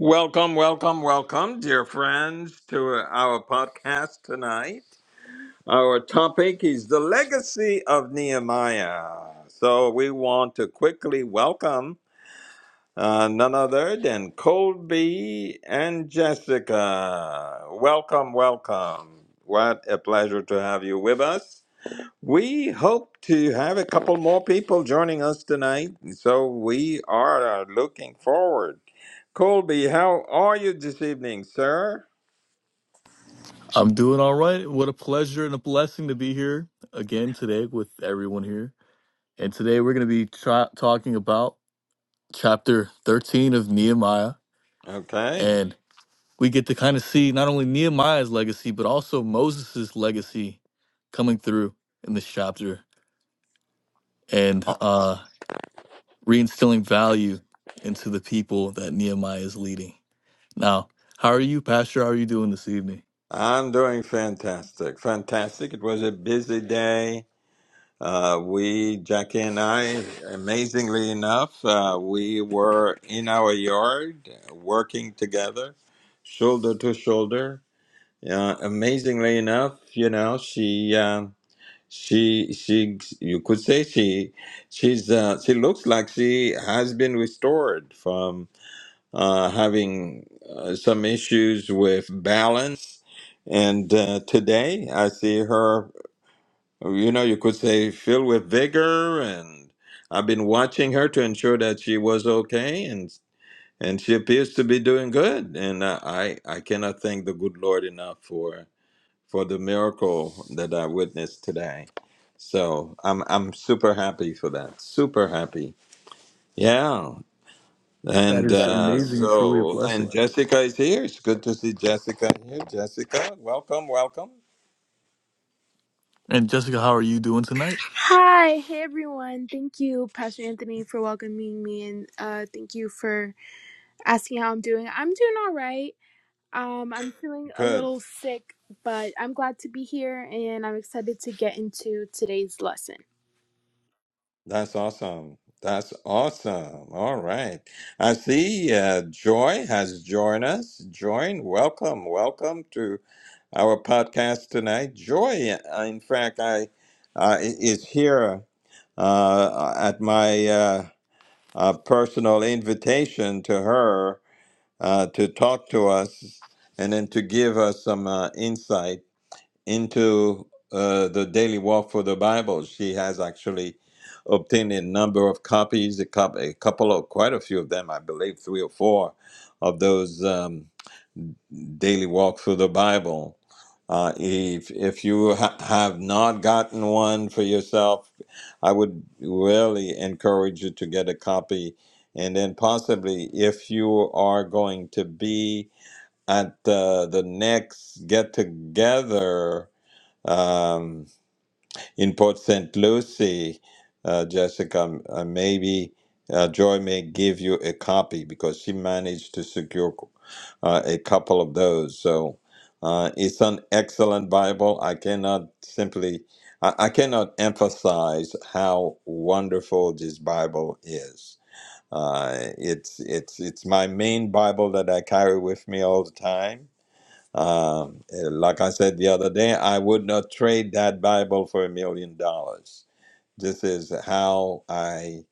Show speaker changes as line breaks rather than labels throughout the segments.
Welcome, welcome, welcome, dear friends, to our podcast tonight. Our topic is the legacy of Nehemiah. So we want to quickly welcome uh, none other than Colby and Jessica. Welcome, welcome. What a pleasure to have you with us. We hope to have a couple more people joining us tonight, so we are uh, looking forward. Colby, how are you this evening, sir?
I'm doing all right. What a pleasure and a blessing to be here again today with everyone here. And today we're going to be tra- talking about chapter 13 of Nehemiah.
Okay.
And we get to kind of see not only Nehemiah's legacy, but also Moses' legacy coming through in this chapter and
Uh,
uh, reinstilling value into the people that Nehemiah is leading. Now, how are you, Pastor? How are you doing this evening?
I'm doing fantastic. Fantastic. It was a busy day. Uh, we, Jackie and I, amazingly enough, uh, we were in our yard uh, working together, shoulder to shoulder. Uh, amazingly enough, you know, she. Um, She, she, you could say she, she's, uh, she looks like she has been restored from uh, having uh, some issues with balance. And uh, today I see her, you know, you could say filled with vigor. And I've been watching her to ensure that she was okay. And, and she appears to be doing good. And uh, I, I cannot thank the good Lord enough for for the miracle that I witnessed today. So I'm I'm super happy for that. Super happy. Yeah.
That
And That is
is
uh, amazing.
amazing and truly a
so and
blessing.
Jessica is here. It's good to see Jessica here. Jessica, welcome, welcome.
And Jessica, how are you doing tonight?
Hi, hey everyone. Thank you, Pastor Anthony, for welcoming me and uh, thank you for asking how I'm doing. I'm doing all right. Um, I'm feeling a
Good.
little sick, but I'm glad to be here and I'm excited to get into today's lesson.
That's awesome. That's awesome. All right. I see uh, Joy has joined us. Join. Welcome. Welcome to. our podcast tonight. Joy, uh, in fact, I uh, is here uh, at my uh, uh, personal invitation to her uh, to talk to us and then to give us some uh, insight into uh, the daily walk for the Bible. She has actually obtained a number of copies, a, cou- a couple of, quite a few of them, I believe, three or four of those. Um, daily walk through the Bible. Uh, if if you ha- have not gotten one for yourself, I would really encourage you to get a copy. And then possibly, if you are going to be at the the next get together, in Port St. Lucie, uh, Jessica, uh, maybe uh, Joy may give you a copy because she managed to secure uh, a couple of those. So uh, it's an excellent Bible. I cannot simply, I, I cannot emphasize how wonderful this Bible is. Uh, it's it's it's my main Bible that I carry with me all the time um, eh, like I said the other day, I would not trade that Bible for a million dollars. This is how I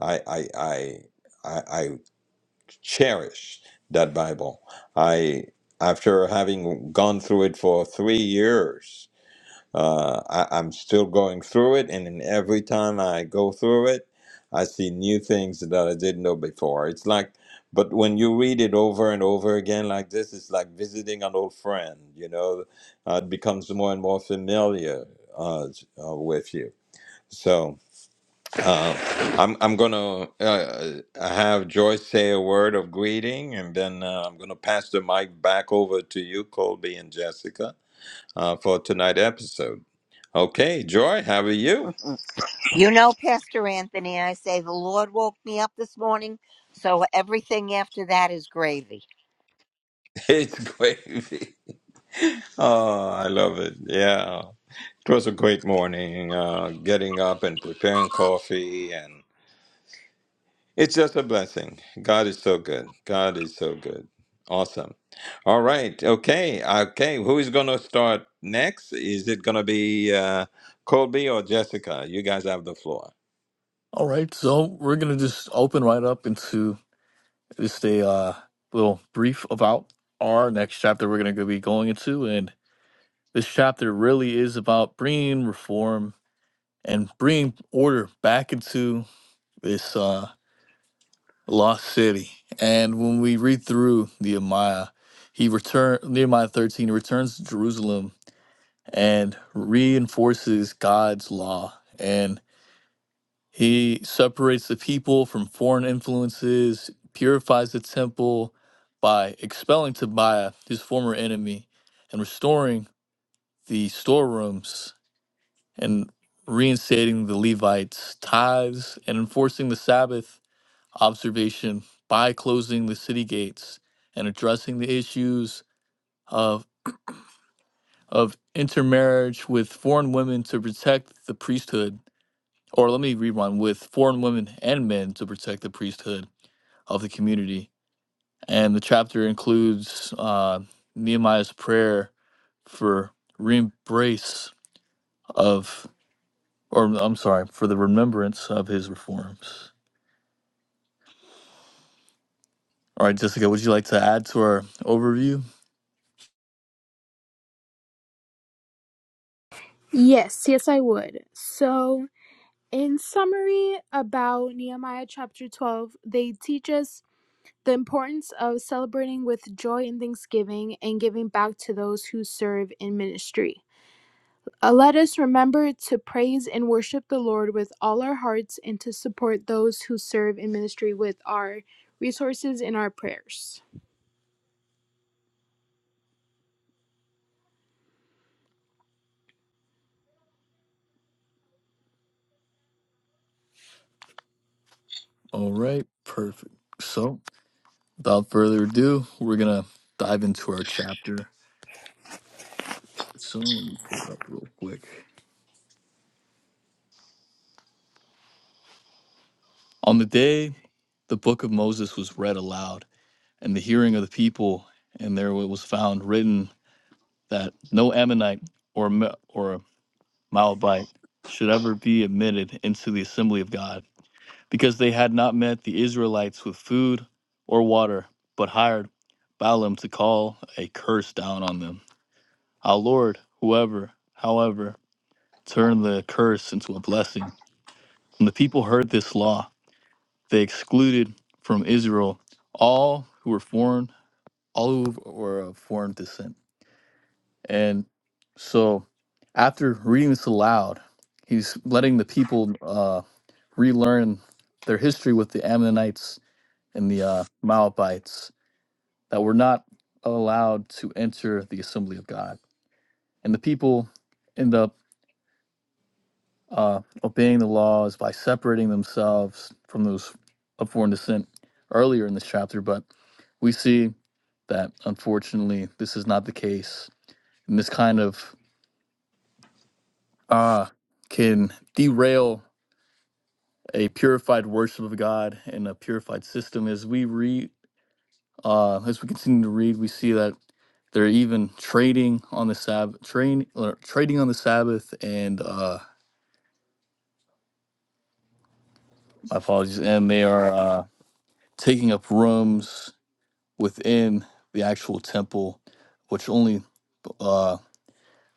I I I I, I cherish that Bible. I after having gone through it for three years. Uh, I, I'm still going through it, and then every time I go through it, I see new things that I didn't know before. It's like, but when you read it over and over again like this, it's like visiting an old friend. You know, uh, it becomes more and more familiar uh, uh, with you. So uh, I'm I'm gonna uh, uh, have Joyce say a word of greeting, and then uh, I'm gonna pass the mic back over to you, Colby and Jessica, uh, for tonight's episode. Okay, Joy, how are you?
You know, Pastor Anthony, I say the Lord woke me up this morning, so everything after that is gravy.
It's gravy. Oh, I love it. Yeah. It was a great morning, uh, getting up and preparing coffee. And it's just a blessing. God is so good. God is so good. Awesome. All right. Okay. Okay. Who is going to start next? Is it going to be uh, Colby or Jessica? You guys have the floor.
All right, so we're gonna just open right up into just a uh, little brief about our next chapter we're gonna be going into, and this chapter really is about bringing reform and bringing order back into this uh, lost city. And when we read through Nehemiah, he return Nehemiah thirteen he returns to Jerusalem and reinforces God's law, and He separates the people from foreign influences, purifies the temple by expelling Tobiah, his former enemy, and restoring the storerooms and reinstating the Levites' tithes and enforcing the Sabbath observation by closing the city gates and addressing the issues of of intermarriage with foreign women to protect the priesthood or let me rewind with foreign women and men to protect the priesthood of the community. And the chapter includes uh, Nehemiah's prayer for re embrace of, or I'm sorry, for the remembrance of his reforms. All right, Jessica, would you like to add to our overview?
Yes, yes, I would. So, in summary about Nehemiah chapter 12, they teach us the importance of celebrating with joy and thanksgiving and giving back to those who serve in ministry. Uh, let us remember to praise and worship the Lord with all our hearts and to support those who serve in ministry with our resources and our prayers.
All right, perfect. So, without further ado, we're going to dive into our chapter. So, let me pull it up real quick. On the day the book of Moses was read aloud, and the hearing of the people, and there it was found written that no Ammonite or or Moabite should ever be admitted into the assembly of God, because they had not met the Israelites with food or water, but hired Balaam to call a curse down on them. Our Lord, whoever, however, turned the curse into a blessing. When the people heard this law, they excluded from Israel all who were foreign, all who were of foreign descent. And so after reading this aloud, he's letting the people uh, relearn their history with the Ammonites and the uh, Moabites that were not allowed to enter the assembly of God. And the people end up uh, obeying the laws by separating themselves from those of foreign descent earlier in this chapter. But we see that unfortunately, this is not the case. And this kind of uh, can derail a purified worship of God and a purified system. As we read, uh, as we continue to read, we see that they're even trading on the Sabbath, train, or trading on the Sabbath, and uh, my apologies, and they are uh, taking up rooms within the actual temple, which only uh,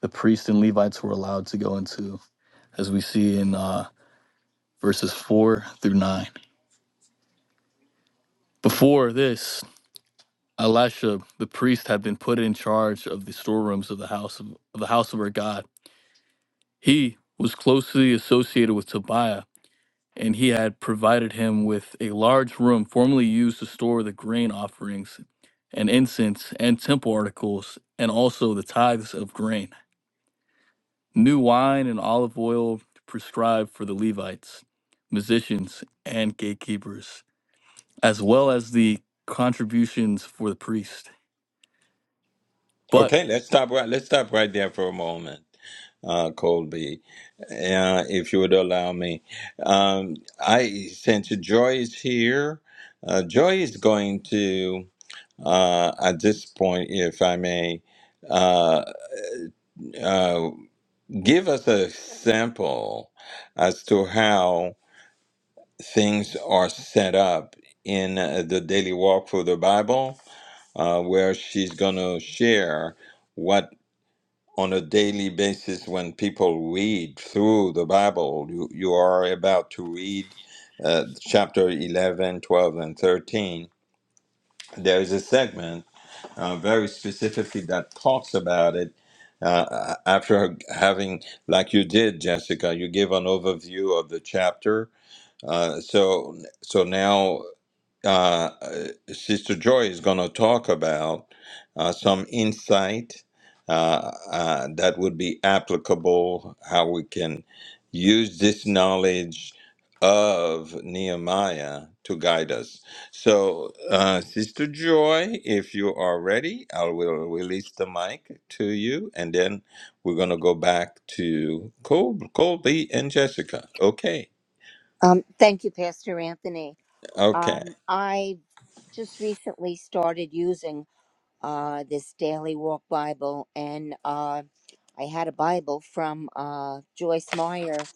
the priests and Levites were allowed to go into, as we see in uh, verses four through nine. Before this, Elisha, the priest, had been put in charge of the storerooms of the house of, of the house of our God. He was closely associated with Tobiah, and he had provided him with a large room formerly used to store the grain offerings and incense and temple articles, and also the tithes of grain, new wine and olive oil prescribed for the Levites, musicians, and gatekeepers, as well as the contributions for the priest. But
Okay, let's stop right. Let's stop right there for a moment, uh, Colby, uh, if you would allow me. Um, I since Joy is here, uh, Joy is going to uh, at this point, if I may, uh, uh, give us a sample as to how things are set up in uh, the daily walk for the Bible, uh, where she's going to share. on a daily basis when people read through the Bible. You, you are about to read uh, chapter 11, 12, and 13. There is a segment uh, very specifically that talks about it. Uh, after having, like you did, Jessica, you give an overview of the chapter. Uh, so, so now uh, uh, Sister Joy is going to talk about uh, some insight uh, uh, that would be applicable, how we can use this knowledge of Nehemiah to guide us. So, uh, Sister Joy, if you are ready, I will release the mic to you, and then we're going to go back to Col- Colby and Jessica. Okay,
Um, thank you, Pastor Anthony.
okay.
Um, I just recently started using uh, this Daily Walk Bible, and uh, I had a Bible from uh, Joyce Meyer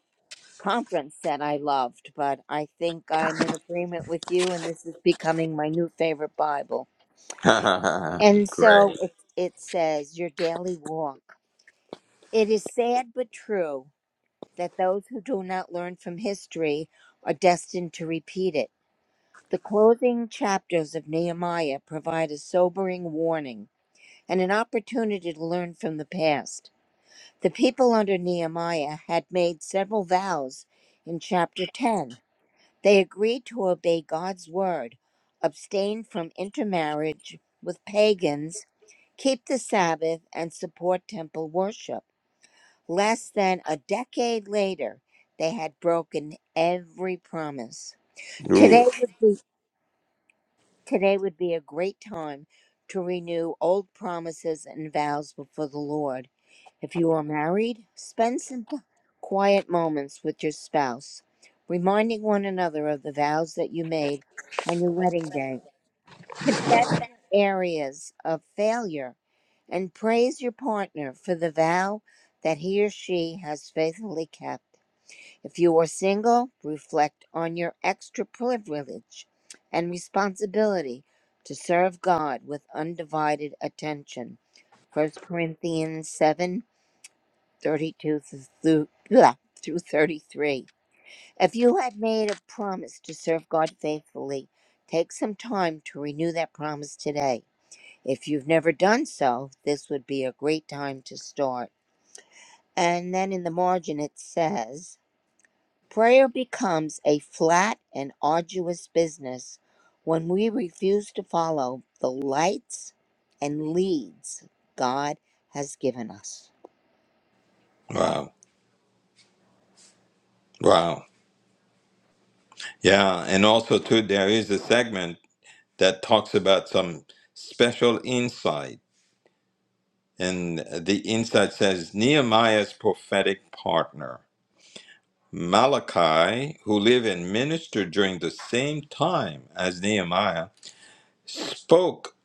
conference that I loved, but I think I'm in agreement with you, and this is becoming my new favorite Bible. And so
Great.
it, it says, Your Daily Walk. It is sad but true that those who do not learn from history are destined to repeat it. The closing chapters of Nehemiah provide a sobering warning and an opportunity to learn from the past. The people under Nehemiah had made several vows in chapter 10. They agreed to obey God's word, abstain from intermarriage with pagans, keep the Sabbath, and support temple worship. Less than a decade later, they had broken every promise.
Ooh.
Today would be today would be a great time to renew old promises and vows before the Lord. If you are married, spend some t- quiet moments with your spouse, reminding one another of the vows that you made on your wedding day. Confess your areas of failure and praise your partner for the vow that he or she has faithfully kept. If you are single, reflect on your extra privilege and responsibility to serve God with undivided attention. First Corinthians 7 32 through, blah, through 33. If you have made a promise to serve God faithfully, take some time to renew that promise today. If you've never done so, this would be a great time to start. And then in the margin it says, Prayer becomes a flat and arduous business when we refuse to follow the lights and leads God has given us.
Wow. Wow. Yeah. And also, too, there is a segment that talks about some special insight. And the insight says Nehemiah's prophetic partner, Malachi, who lived and ministered during the same time as Nehemiah, spoke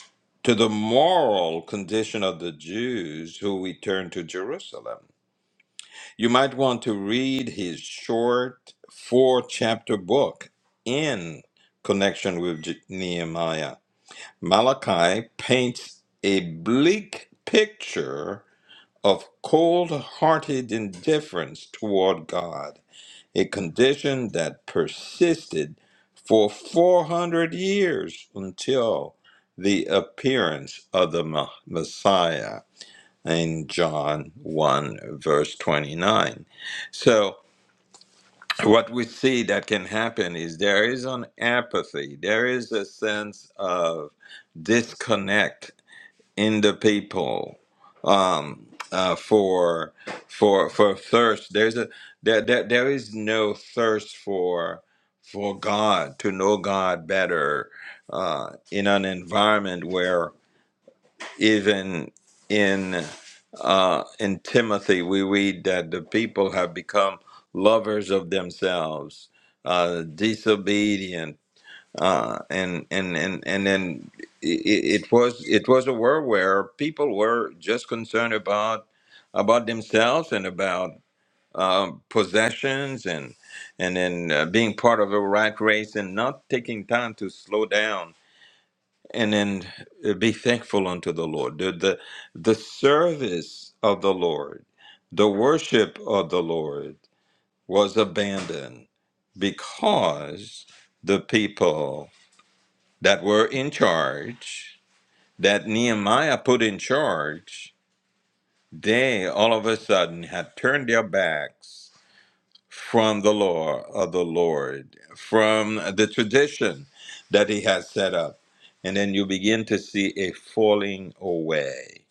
to the moral condition of the Jews who returned to Jerusalem. You might want to read his short four chapter book in connection with Je- Nehemiah. Malachi paints a bleak picture of cold hearted indifference toward God, a condition that persisted for 400 years until the appearance of the Ma- Messiah in John 1, verse 29. So, what we see that can happen is there is an apathy, there is a sense of disconnect in the people um, uh, for for for thirst. There's a there, there there is no thirst for for God to know God better uh, in an environment where even in uh, in Timothy, we read that the people have become lovers of themselves, uh, disobedient, uh, and and and and then it, it was it was a world where people were just concerned about about themselves and about um, possessions and and then uh, being part of a rat race and not taking time to slow down and then uh, be thankful unto the Lord. The, the the service of the Lord, the worship of the Lord was abandoned because the people that were in charge, that Nehemiah put in charge, they all of a sudden had turned their backs from the law of the Lord, from the tradition that He has set up. And then you begin to see a falling away,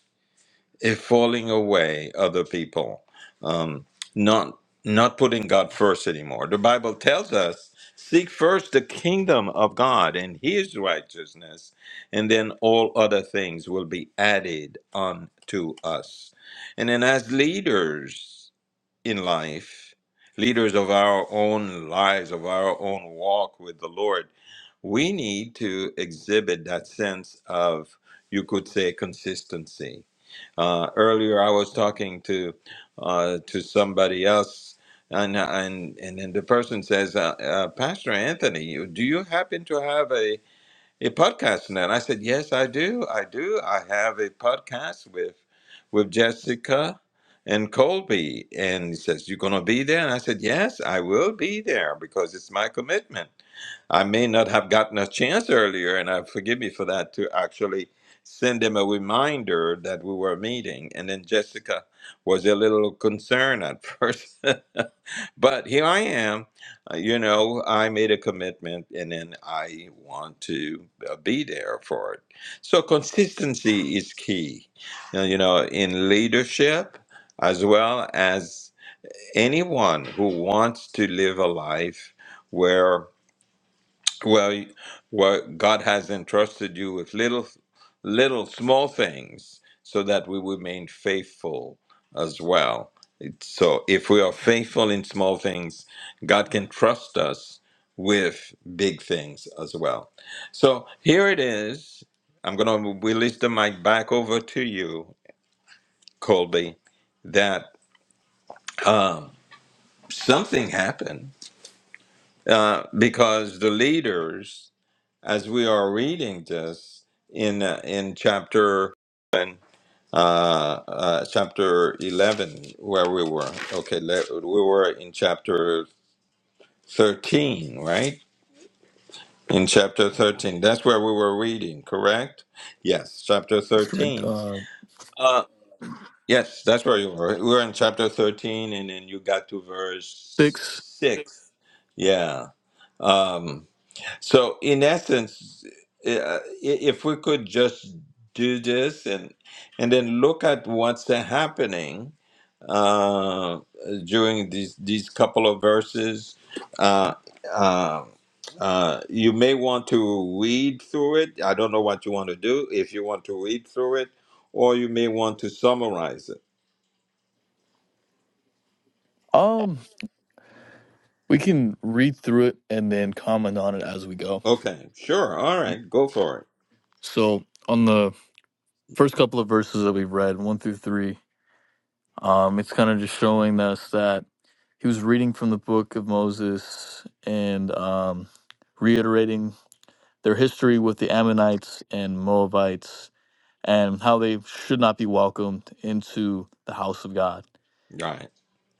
a falling away of the people, um, not not putting God first anymore. The Bible tells us, seek first the kingdom of God and His righteousness, and then all other things will be added unto us. And then as leaders in life, leaders of our own lives, of our own walk with the Lord, we need to exhibit that sense of, you could say, consistency. Uh, earlier, I was talking to uh, to somebody else, and and and, then the person says, uh, uh, "Pastor Anthony, you- do you happen to have a?" a podcast now. and I said, yes, I do. I do. I have a podcast with with Jessica and Colby. And he says, you're going to be there? And I said, yes, I will be there because it's my commitment. I may not have gotten a chance earlier, and I forgive me for that, to actually send them a reminder that we were meeting. And then Jessica was a little concerned at first. but here I am. Uh, You know, I made a commitment and then I want to uh, be there for it. So, consistency is key, Now, you know, in leadership as well as anyone who wants to live a life where well, y- well, God has entrusted you with little, little small things so that we remain faithful as well. It's- So if we are faithful in small things, God can trust us with big things as well. So here it is. I'm going to release the mic back over to you, Colby, that um, something happened uh, because the leaders as we are reading this in uh, in chapter and uh, uh, chapter eleven, where we were. Okay, le- we were in chapter thirteen, right? In chapter thirteen, that's where we were reading, correct? Yes, chapter
that's correct.
thirteen.
uh,
Uh, yes, that's where you were. We were in chapter thirteen, and then you got to
six.
verse six. Yeah. Um, So, in essence, uh, if we could just do this and and then look at what's happening uh, during these these couple of verses, uh, uh, uh, you may want to read through it. I don't know what you want to do. If you want to read through it, or you may want to summarize it.
Um, we can read through it and then comment on it as we go.
Okay, sure. All right, go for it.
So on the first couple of verses that we've read, one through three, um, it's kind of just showing us that he was reading from the book of Moses and um, reiterating their history with the Ammonites and Moabites and how they should not be welcomed into the house of God.
Right.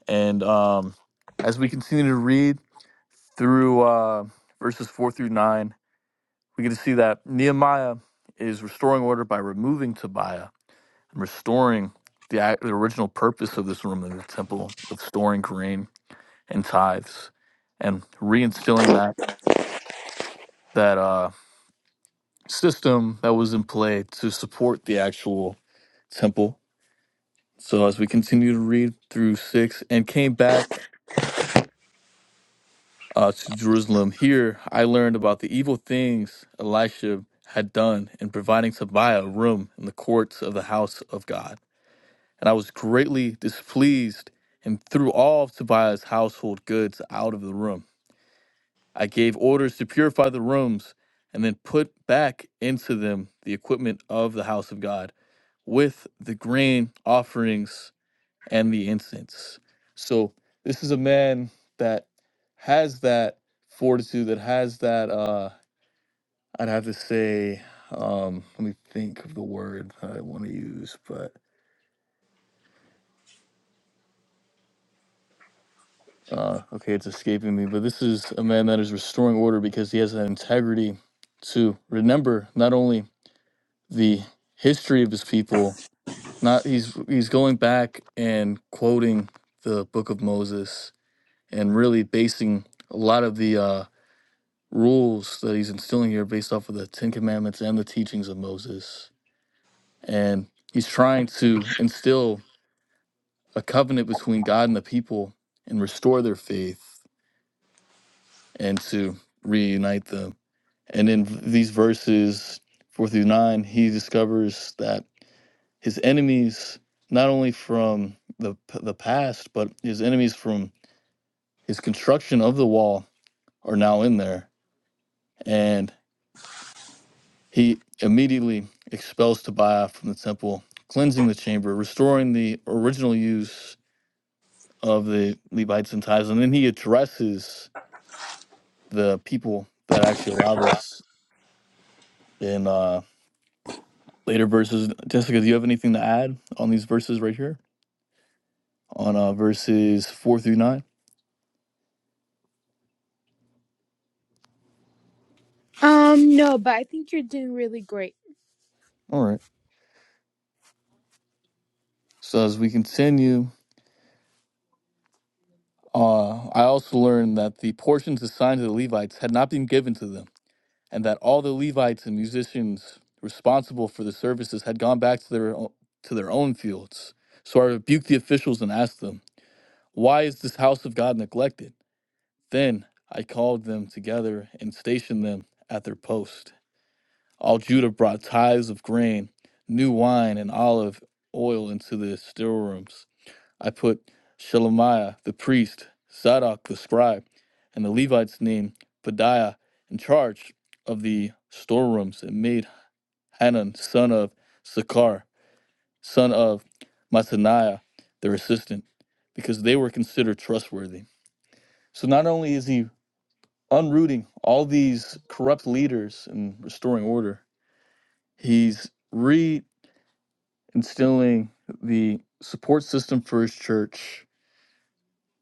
And um, as we continue to read through uh, verses four through nine. We get to see that Nehemiah is restoring order by removing Tobiah and restoring the, the original purpose of this room in the temple of storing grain and tithes and reinstilling that that uh, system that was in play to support the actual temple. So as we continue to read through six and came back uh, to Jerusalem, here I learned about the evil things Elisha had done in providing Tobiah a room in the courts of the house of God. and I was greatly displeased and threw all of Tobiah's household goods out of the room. I gave orders to purify the rooms and then put back into them the equipment of the house of God with the grain offerings and the incense. So this is a man that has that fortitude, that has that uh I'd have to say, um, let me think of the word that I want to use, but Uh, okay, it's escaping me, but this is a man that is restoring order because he has an integrity to remember not only the history of his people, not he's he's going back and quoting the book of Moses and really basing a lot of the uh, rules that he's instilling here based off of the Ten Commandments and the teachings of Moses, and he's trying to instill a covenant between God and the people and restore their faith and to reunite them And in these verses four through nine, he discovers that his enemies, not only from the the past, but his enemies from his construction of the wall, are now in there. And he immediately expels Tobiah from the temple, cleansing the chamber, restoring the original use of the Levites and tithes. And then he addresses the people that actually allow this in uh, later verses. Jessica, do you have anything to add on these verses right here? on uh, verses four through nine.
Um, no, but I think you're doing really great.
All right. So as we continue, uh, I also learned that the portions assigned to the Levites had not been given to them, and that all the Levites and musicians responsible for the services had gone back to their o- to their own fields. So I rebuked the officials and asked them, "Why is this house of God neglected?" Then I called them together and stationed them at their post. All Judah brought tithes of grain, new wine, and olive oil into the still rooms. I put Shelemiah the priest, Zadok the scribe, and the Levites named Padiah in charge of the storerooms, and made Hanan son of Sakar, son of Mataniah, their assistant, because they were considered trustworthy. So not only is he unrooting all these corrupt leaders and restoring order, he's re instilling the support system for his church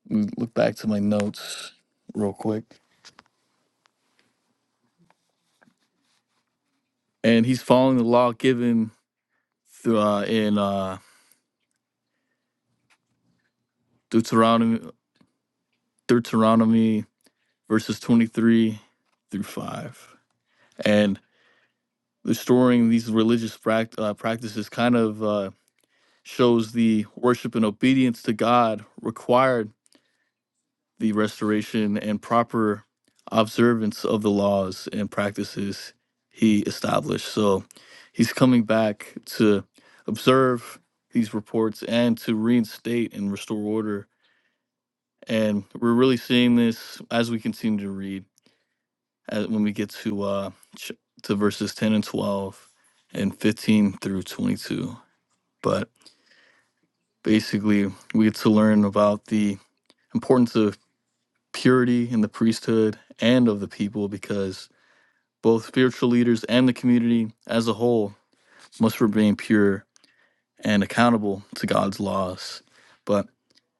look back to my notes real quick. And he's following the law given th- uh, in uh, Deuteronomy, Deuteronomy verses 23 through 5. And restoring these religious pract- uh, practices kind of uh, shows the worship and obedience to God required the restoration and proper observance of the laws and practices he established. So he's coming back to observe these reports and to reinstate and restore order. And we're really seeing this as we continue to read as, when we get to uh, ch- to verses 10 and 12 and 15 through 22. But basically, we get to learn about the importance of purity in the priesthood and of the people because Both spiritual leaders and the community as a whole must remain pure and accountable to God's laws. But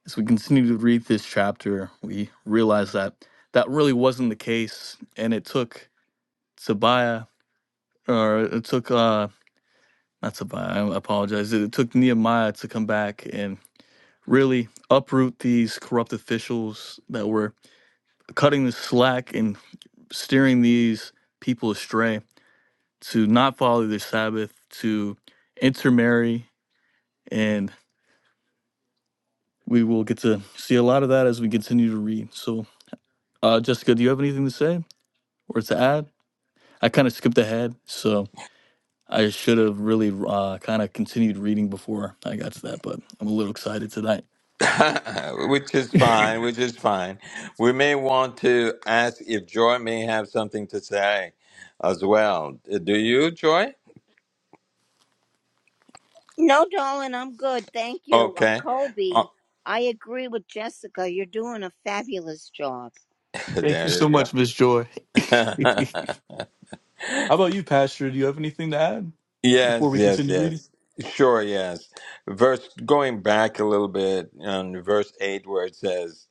as we continue to read this chapter, we realize that that really wasn't the case, and it took Tobiah, or it took uh, not Tobiah. I apologize. It took Nehemiah to come back and really uproot these corrupt officials that were cutting the slack and steering these people astray. to not follow their Sabbath, to intermarry, and we will get to see a lot of that as we continue to read. So, uh, Jessica, do you have anything to say or to add? I kind of skipped ahead, so I should have really uh, kind of continued reading before I got to that, but I'm a little excited tonight.
which is fine, which is fine. We may want to ask if Joy may have something to say as well. Uh, Do you, Joy?
No, darling, I'm good. Thank you.
Okay.
Colby,
Oh,
I agree with Jessica. You're doing a fabulous job.
Thank you
there
so
you
much, Miss Joy.
go.
How about you, Pastor? Do you have anything to add before
yes,
we
yes,
continue reading?
yes. Sure, yes. Verse going back a little bit on verse 8 where it says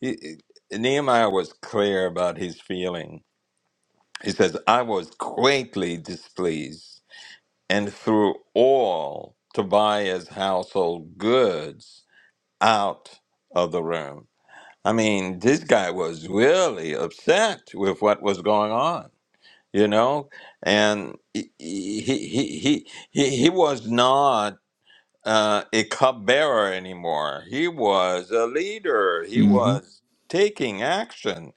he, Nehemiah was clear about his feeling. He says, "I was greatly displeased." and threw all Tobias' household goods out of the room. I mean, this guy was really upset with what was going on, you know, and he he he he, he he was not uh, a cupbearer anymore. He was a leader. He
hmm
was taking action.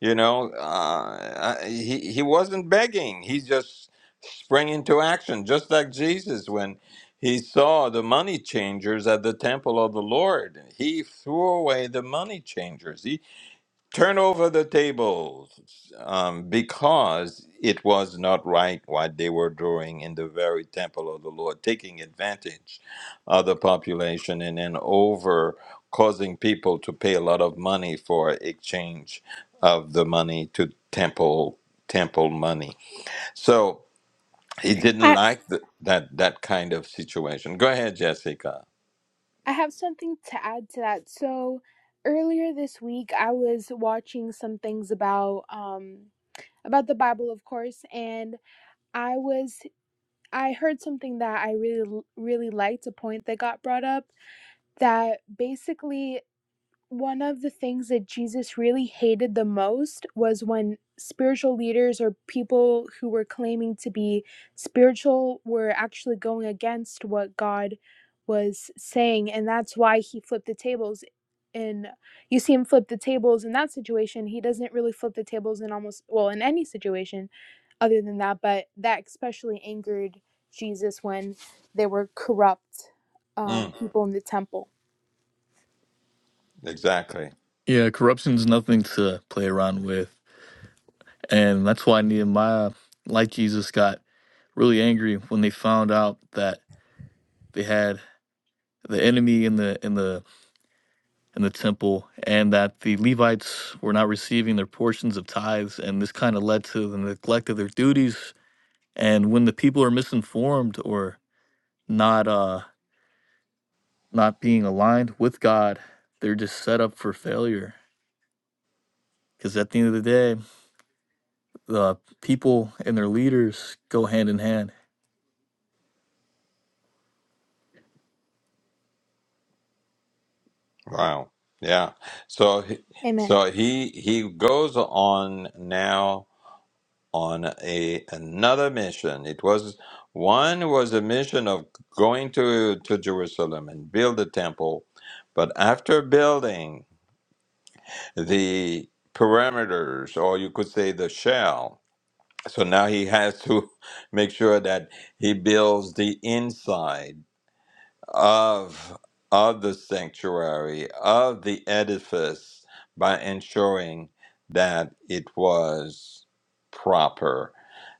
You know, uh, I- he he wasn't begging. He just sprang into action, just like Jesus when he saw the money changers at the temple of the Lord. He threw away the money changers. He turn over the tables um, because it was not right what they were doing in the very temple of the Lord, taking advantage of the population and then over causing people to pay a lot of money for exchange of the money to temple temple money. So he didn't
I
like the, that that kind of situation. Go ahead, Jessica.
I have something to add to that. So earlier this week, I was watching some things about um about the Bible, of course, and I was I heard something that I really really liked. A point that got brought up that basically one of the things that Jesus really hated the most was when spiritual leaders or people who were claiming to be spiritual were actually going against what God was saying. And that's why he flipped the tables. And you see him flip the tables in that situation. He doesn't really flip the tables in almost, well, in any situation other than that. But that especially angered Jesus when there were corrupt um,
Mm,
people in the temple.
exactly.
Yeah, corruption's nothing to play around with. And that's why Nehemiah, like Jesus, got really angry when they found out that they had the enemy in the in the in the temple and that the Levites were not receiving their portions of tithes and this kind of led to the neglect of their duties. And when the people are misinformed or not uh not being aligned with God, they're just set up for failure. Because at the end of the day, the people and their leaders go hand in hand.
Wow. Yeah. So he-
Amen.
so he he goes on now on a another mission. It was one was a mission of going to to Jerusalem and build the temple, but after building the perimeters or you could say the shell so now he has to make sure that he builds the inside of of the sanctuary of the edifice by ensuring that it was proper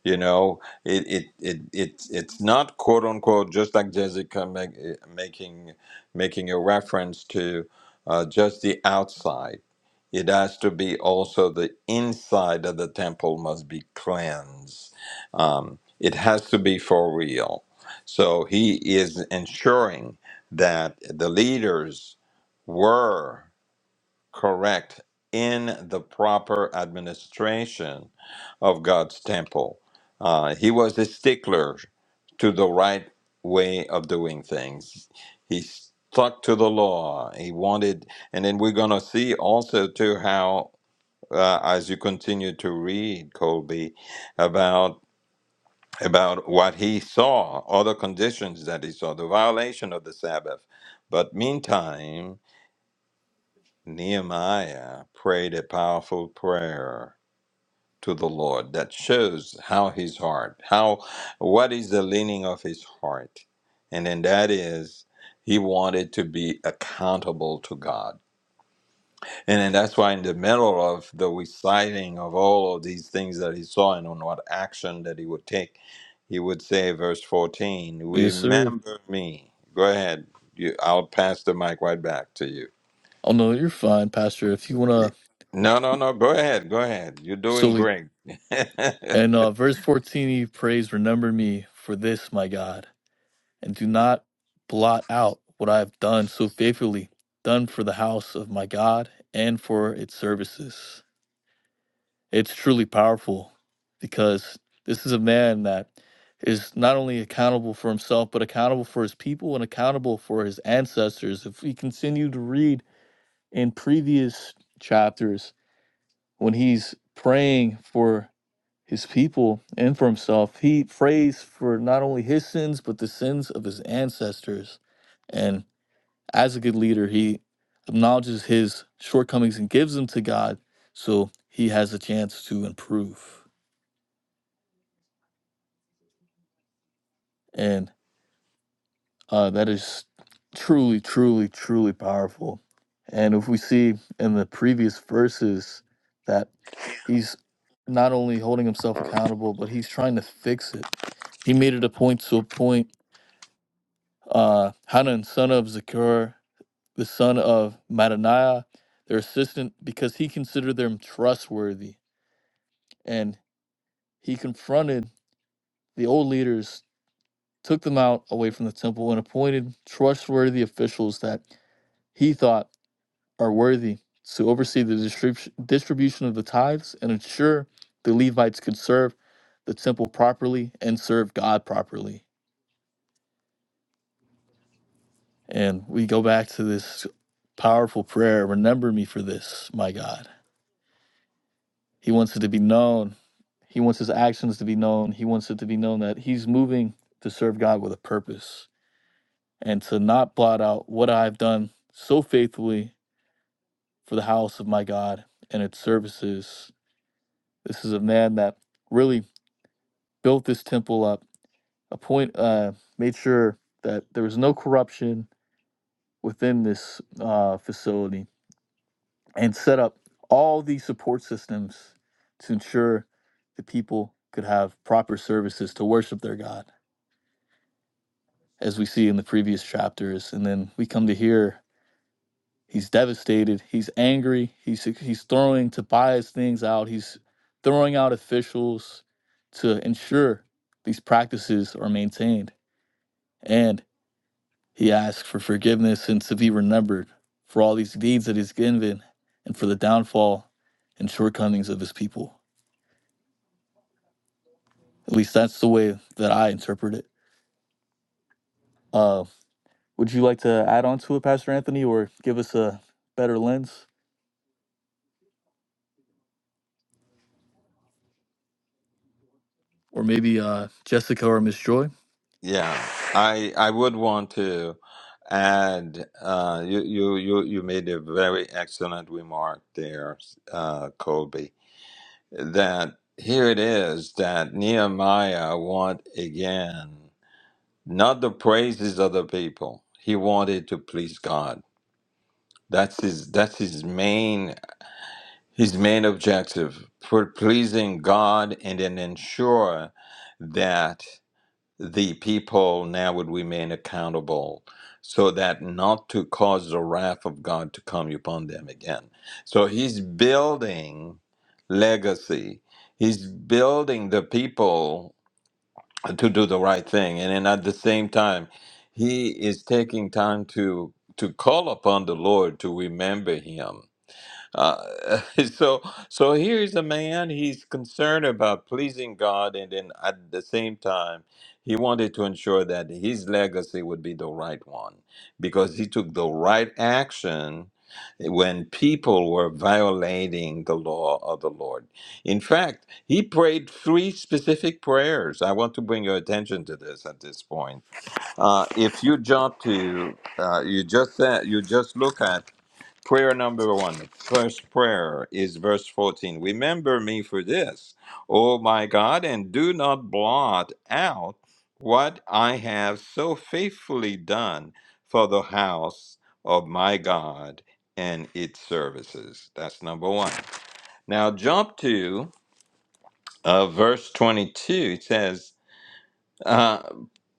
you know it it, it it it's not quote unquote just like jessica make, making making a reference to uh, just the outside it has to be also the inside of the temple must be cleansed um, it has to be for real so he is ensuring that the leaders were correct in the proper administration of God's temple. Uh, he was a stickler to the right way of doing things. He stuck to the law. He wanted, and then we're going to see also too how, uh, as you continue to read, Colby, about about what he saw, other conditions that he saw, the violation of the Sabbath. But meantime, Nehemiah prayed a powerful prayer to the Lord that shows how his heart, how what is the leaning of his heart. And then that is he wanted to be accountable to God. And then that's why, in the middle of the reciting of all of these things that he saw and on what action that he would take, he would say, verse 14,
Yes, sir.
Remember me. Go ahead. You, I'll pass the mic right back to you.
Oh no, you're fine, Pastor. If you wanna
No, no, no. Go ahead. Go ahead. You're doing
so
great.
and uh verse fourteen he prays, Remember me for this, my God, and do not blot out what I have done so faithfully, done for the house of my God and for its services. It's truly powerful because this is a man that is not only accountable for himself, but accountable for his people and accountable for his ancestors. If we continue to read in previous chapters, when he's praying for his people and for himself. He prays for not only his sins, but the sins of his ancestors. And as a good leader, he acknowledges his shortcomings and gives them to God so he has a chance to improve. And uh, that is truly, truly, truly powerful. And if we see in the previous verses that he's not only holding himself accountable, but he's trying to fix it. He made it a point to appoint uh, Hanan, son of Zakur, the son of Mattaniah, their assistant, because he considered them trustworthy. And he confronted the old leaders, took them out away from the temple, and appointed trustworthy officials that he thought are worthy to oversee the distrib- distribution of the tithes and ensure the Levites could serve the temple properly and serve God properly. And we go back to this powerful prayer remember me for this, my God. He wants it to be known. He wants his actions to be known. He wants it to be known that he's moving to serve God with a purpose and to not blot out what I've done so faithfully for the house of my God and its services. This is a man that really built this temple up, appoint, uh, made sure that there was no corruption within this uh, facility and set up all these support systems to ensure the people could have proper services to worship their God, as we see in the previous chapters. And then we come to here, he's devastated, he's angry, he's he's throwing Tobias things out, he's throwing out officials to ensure these practices are maintained. And he asks for forgiveness and to be remembered for all these deeds that he's given and for the downfall and shortcomings of his people. At least that's the way that I interpret it. Uh, would you like to add on to it, Pastor Anthony, or give us a better lens? Or maybe uh, Jessica or Miss Joy?
yeah, I I would want to add. Uh, you you you you made a very excellent remark there, uh, Colby that here it is that Nehemiah want again not the praises of the people. He wanted to please God. That's his that's his main his main objective for pleasing God and then ensure that the people now would remain accountable so that not to cause the wrath of God to come upon them again. So he's building legacy. He's building the people to do the right thing. And then at the same time, he is taking time to to call upon the Lord to remember him uh, so, so here's a man. He's concerned about pleasing God, and then at the same time, he wanted to ensure that his legacy would be the right one because he took the right action when people were violating the law of the Lord. In fact, he prayed three specific prayers. I want to bring your attention to this at this point. Uh, if you jump to, uh, you just said, you just look at Prayer number one, first prayer is verse 14. Remember me for this, O my God, and do not blot out what I have so faithfully done for the house of my God and its services. That's number one. Now, jump to uh, verse 22. It says, uh,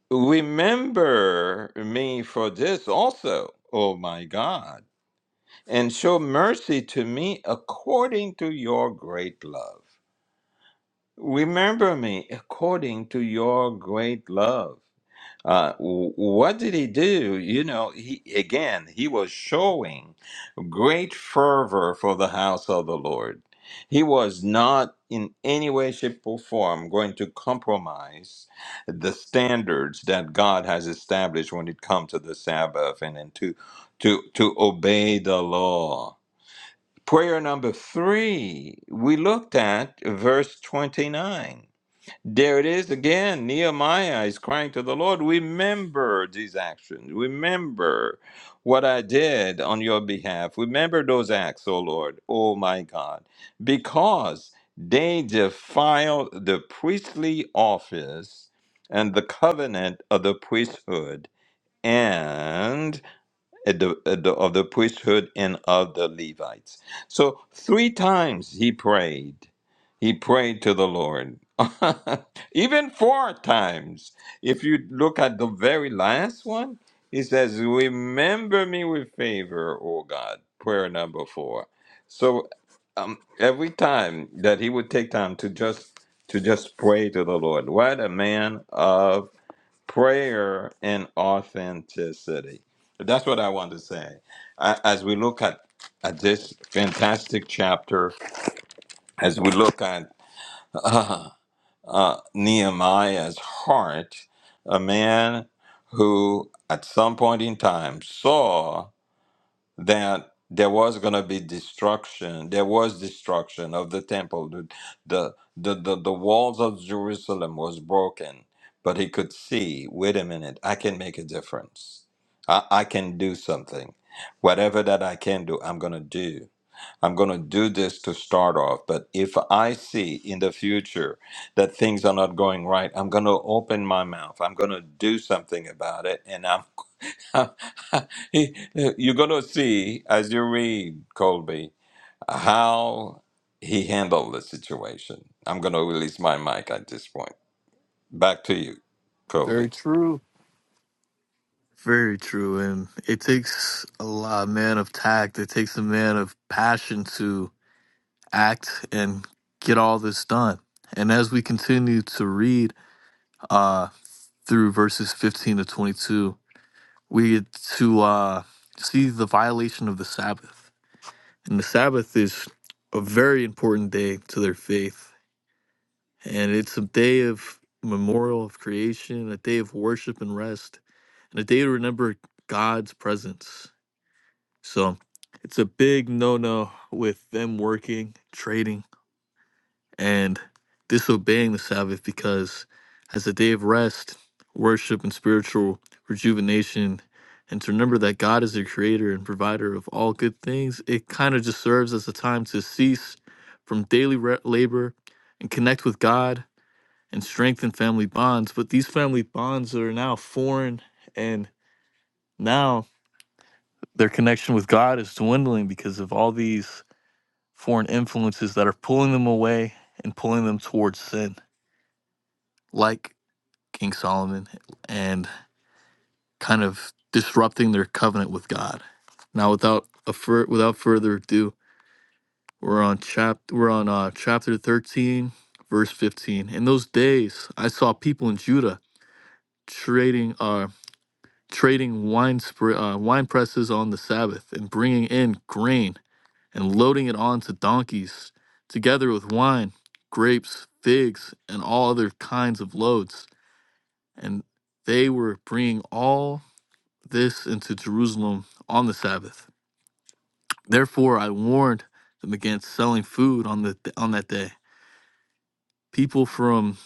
Remember me for this also, O my God and show mercy to me according to your great love. Remember me according to your great love. Uh, w- what did he do? You know, he again he was showing great fervor for the house of the Lord. He was not in any way, shape, or form going to compromise the standards that God has established when it comes to the Sabbath and, and to to to obey the law Prayer number three, we looked at verse 29. There it is again. Nehemiah is crying to the Lord, Remember these actions. Remember what I did on your behalf. Remember those acts, O Lord, O my God, because they defile the priestly office and the covenant of the priesthood. and at the, at the, of the priesthood and of the Levites. So three times he prayed. He prayed to the Lord. Even four times. If you look at the very last one, he says, Remember me with favor, O God. Prayer number four. So um, every time that he would take time to just to just pray to the Lord. What a man of prayer and authenticity. That's what I want to say. A- As we look at, at this fantastic chapter, as we look at uh, uh, Nehemiah's heart, a man who at some point in time saw that there was going to be destruction there was destruction of the temple the, the the the the walls of jerusalem was broken but he could see wait a minute i can make a difference i, I can do something whatever that i can do i'm going to do i'm going to do this to start off but if i see in the future that things are not going right i'm going to open my mouth i'm going to do something about it and i'm He- You're going to see as you read Colby how he handled the situation. I'm going to release my mic at this point. Back to you, Colby.
Very true. Very true. And it takes a lot, man of tact. It takes a man of passion to act and get all this done. And as we continue to read uh, through verses 15 to 22, we get to uh, see the violation of the Sabbath. And the Sabbath is a very important day to their faith. And it's a day of memorial of creation, a day of worship and rest, and a day to remember God's presence. So it's a big no no with them working, trading and disobeying the Sabbath because as a day of rest, worship, and spiritual rejuvenation, and to remember that God is the creator and provider of all good things, it kind of just serves as a time to cease from daily re- labor and connect with God and strengthen family bonds. But these family bonds are now foreign, and now their connection with God is dwindling because of all these foreign influences that are pulling them away and pulling them towards sin like King Solomon, and kind of disrupting their covenant with God. Now, without a fur- without further ado, we're on chap we're on uh, chapter thirteen, verse fifteen. In those days, I saw people in Judah trading uh trading wine spr- uh, wine presses on the Sabbath and bringing in grain and loading it onto donkeys, together with wine, grapes, figs, and all other kinds of loads. And they were bringing all this into Jerusalem on the Sabbath. Therefore, I warned them against selling food on the on that day. People from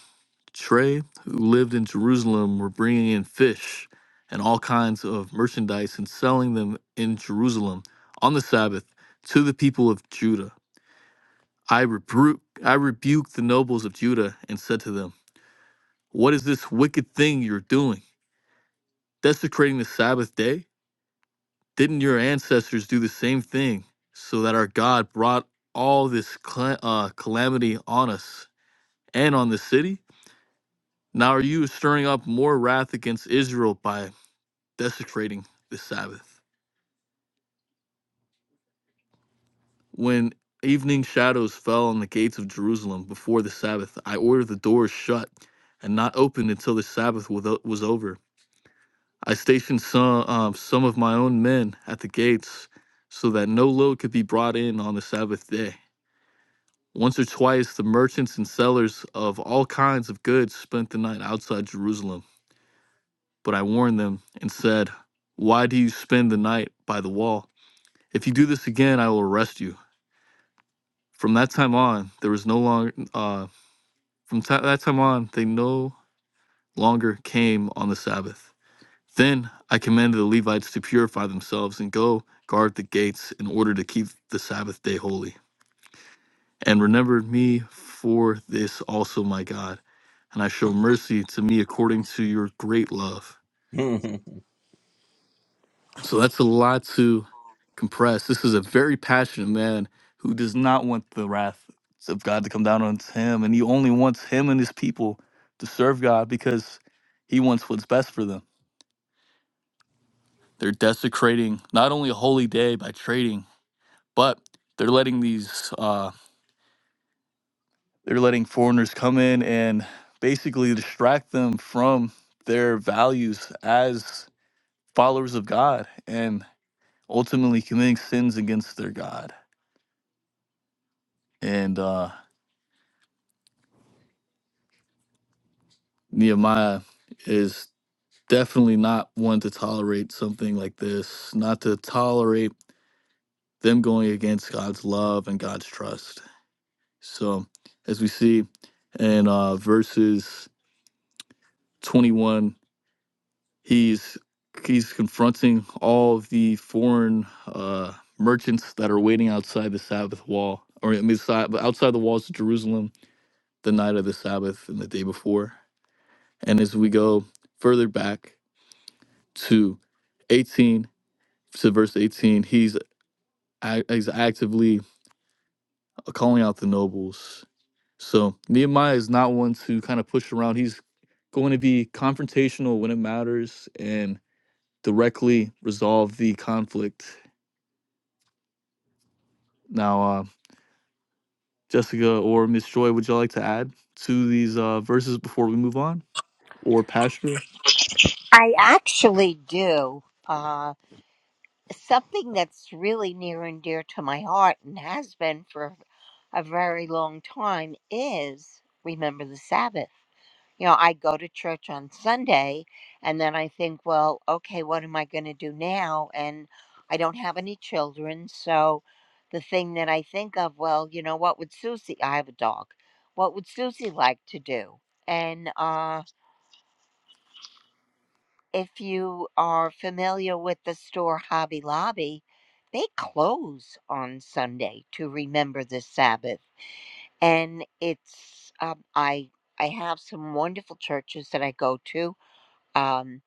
Trey who lived in Jerusalem were bringing in fish and all kinds of merchandise and selling them in Jerusalem on the Sabbath to the people of Judah. I rebu- I rebuked the nobles of Judah and said to them, "What is this wicked thing you're doing? Desecrating the Sabbath day? Didn't your ancestors do the same thing so that our God brought all this cla- uh, calamity on us and on the city? Now are you stirring up more wrath against Israel by desecrating the Sabbath? When evening shadows fell on the gates of Jerusalem before the Sabbath, I ordered the doors shut and not opened until the Sabbath was was over. I stationed some, um, some of my own men at the gates so that no load could be brought in on the Sabbath day. Once or twice, the merchants and sellers of all kinds of goods spent the night outside Jerusalem. But I warned them and said, Why do you spend the night by the wall? If you do this again, I will arrest you. From that time on, there was no longer, uh, from ti- that time on, they no longer came on the Sabbath. Then I commanded the Levites to purify themselves and go guard the gates in order to keep the Sabbath day holy. And remembered me for this also, my God. and I show mercy to me according to your great love. So that's a lot to compress. This is a very passionate man who does not want the wrath of God to come down on him, and he only wants him and his people to serve God because he wants what's best for them. They're desecrating not only a holy day by trading, but they're letting these uh, they're letting foreigners come in and basically distract them from their values as followers of God and ultimately committing sins against their God. And uh, Nehemiah is definitely not one to tolerate something like this, not to tolerate them going against God's love and God's trust. So, as we see in uh, verses 21, he's he's confronting all of the foreign uh, merchants that are waiting outside the Sabbath wall, or I mean, si- outside the walls of Jerusalem the night of the Sabbath and the day before And as we go further back to 18 to verse 18, he's ac- he's actively calling out the nobles. So Nehemiah is not one to kind of push around. He's going to be confrontational when it matters and directly resolve the conflict. Now, uh, Jessica or Miss Joy, would y'all like to add to these uh, verses before we move on? Or Pastor?
I actually do. Uh, something that's really near and dear to my heart and has been for a very long time is remember the Sabbath. You know, I go to church on Sunday and then I think, well, okay, what am I going to do now? And I don't have any children. So the thing that I think of, well, you know, what would Susie, I have a dog, what would Susie like to do? And uh, if you are familiar with the store Hobby Lobby, they close on Sunday to remember the Sabbath. And it's, um, I, I have some wonderful churches that I go to. Um,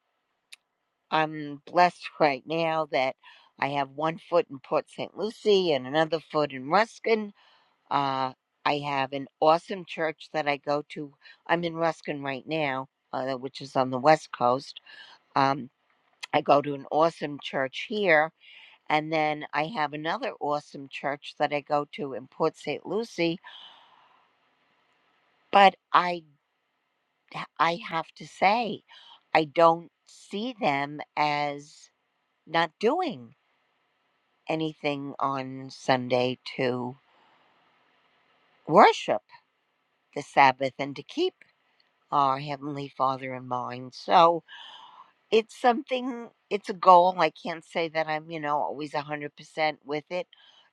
I'm blessed right now that I have one foot in Port St. Lucie and another foot in Ruskin. Uh, I have an awesome church that I go to. I'm in Ruskin right now, uh, which is on the West Coast. Um, I go to an awesome church here. And then I have another awesome church that I go to in Port St. Lucie. But I, I have to say, I don't see them as not doing. anything on Sunday to worship the Sabbath and to keep our Heavenly Father in mind. So it's something, it's a goal. I can't say that I'm, you know, always 100% with it.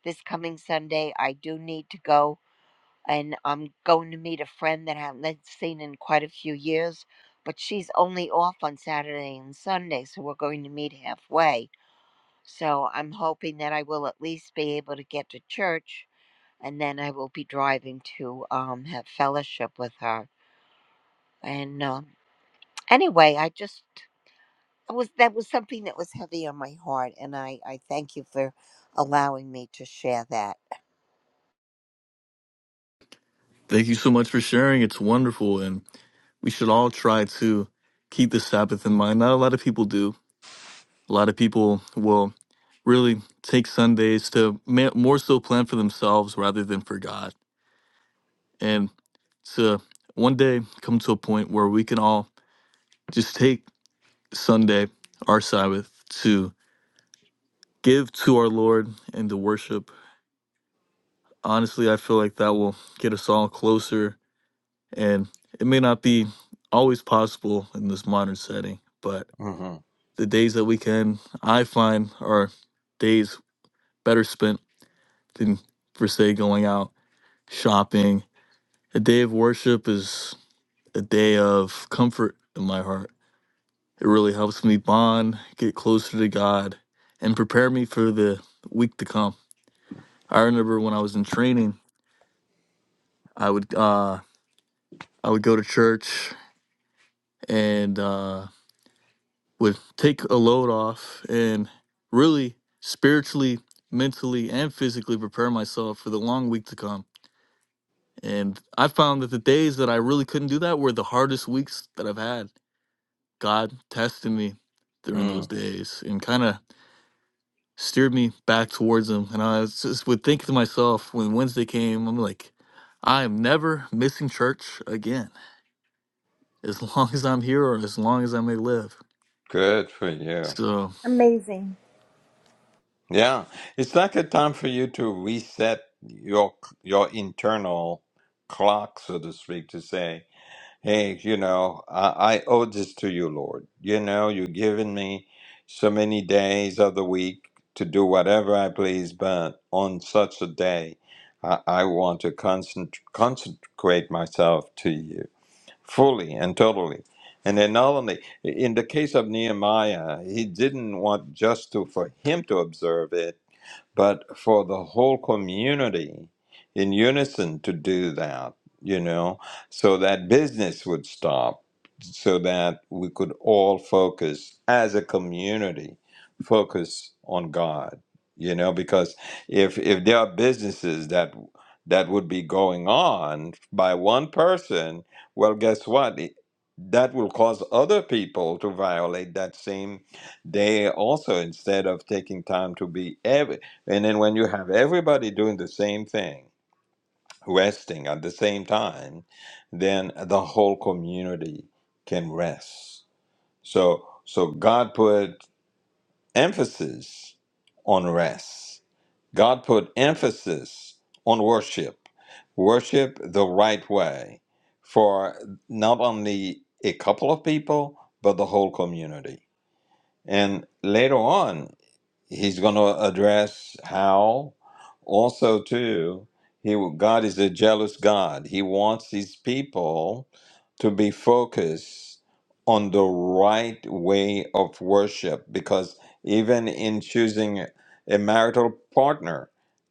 This coming Sunday, I do need to go and I'm going to meet a friend that I haven't seen in quite a few years, but she's only off on Saturday and Sunday, so we're going to meet halfway. So I'm hoping that I will at least be able to get to church and then I will be driving to um, have fellowship with her. And um, anyway, I just I was that was something that was heavy on my heart, and I I thank you for allowing me to share that.
Thank you so much for sharing. It's wonderful. And we should all try to keep the Sabbath in mind. Not a lot of people do. A lot of people will really take Sundays to ma- more so plan for themselves rather than for God. And to one day come to a point where we can all just take Sunday, our Sabbath, to give to our Lord and to worship. Honestly, I feel like that will get us all closer. And it may not be always possible in this modern setting, but
Mhm.
the days that we can, I find, are days better spent than, per se, going out shopping. A day of worship is a day of comfort in my heart. It really helps me bond, get closer to God, and prepare me for the week to come. I remember when I was in training, I would uh, I would go to church and uh, would take a load off and really spiritually, mentally, and physically prepare myself for the long week to come. And I found that the days that I really couldn't do that were the hardest weeks that I've had. God tested me during those
Mm.
days and kind of steered me back towards Him. And I was just would think to myself when Wednesday came, I'm like, I am never missing church again, as long as I'm here or as long as I may live.
Good for you.
So
Amazing.
Yeah, it's like a time for you to reset your your internal clock, so to speak, to say. Hey, you know, I, I owe this to you, Lord. You know, you've given me so many days of the week to do whatever I please, but on such a day, I, I want to concent- consecrate myself to you fully and totally. And then, not only in the case of Nehemiah, he didn't want just to for him to observe it, but for the whole community in unison to do that, you know, so that business would stop, so that we could all focus as a community, focus on God, you know, because if if there are businesses that that would be going on by one person, well, guess what? It- That will cause other people to violate that same day also instead of taking time to be ev- and then when you have everybody doing the same thing, resting at the same time, then the whole community can rest. So so God put emphasis on rest. God put emphasis on worship. Worship the right way for not only a couple of people, but the whole community. And later on, he's going to address how also too he god is a jealous god he wants his people to be focused on the right way of worship because even in choosing a marital partner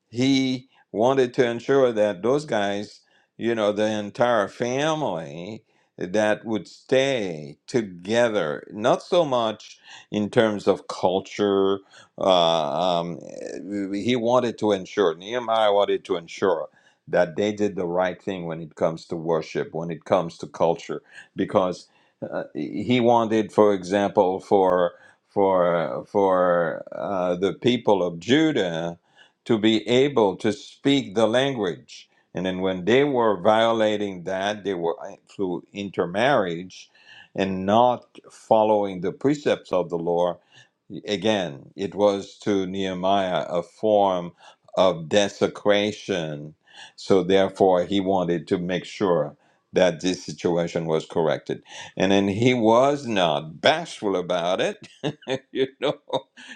he wanted to ensure that those guys you know the entire family that would stay together not so much in terms of culture uh, um, eh, he wanted to ensure, Nehemiah wanted to ensure that they did the right thing when it comes to worship, when it comes to culture, because uh, he wanted, for example, for for for uh, the people of Judah to be able to speak the language. And then when they were violating that, they were uh, through intermarriage and not following the precepts of the law. Again, it was to Nehemiah a form of desecration. So, therefore, he wanted to make sure that this situation was corrected. And then he was not bashful about it. you know,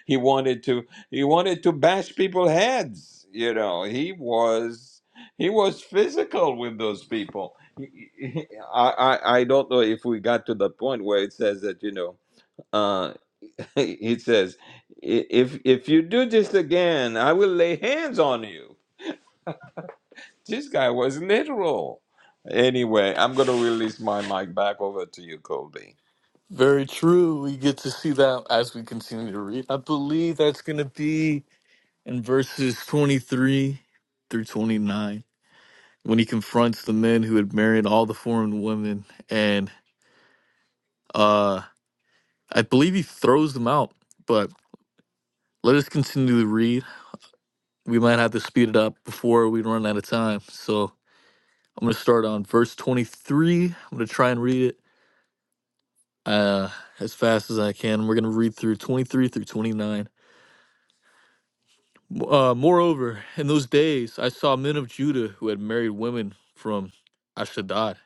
he wanted to he wanted to bash people's heads. You know, he was he was physical with those people. I, I I don't know if we got to the point where it says that you know uh, he says, "I- if if you do this again, I will lay hands on you. This guy was literal. Anyway, I'm gonna release my mic back over to you, Colby.
Very true. We get to see that as we continue to read. I believe that's going to be in verses 23 through 29 when he confronts the men who had married all the foreign women. And uh, I believe he throws them out. But let us continue to read. We might have to speed it up before we run out of time. So I'm going to start on verse 23. I'm going to try and read it uh, as fast as I can. We're going to read through 23 through 29. Uh, moreover, in those days I saw men of Judah who had married women from Ashdod,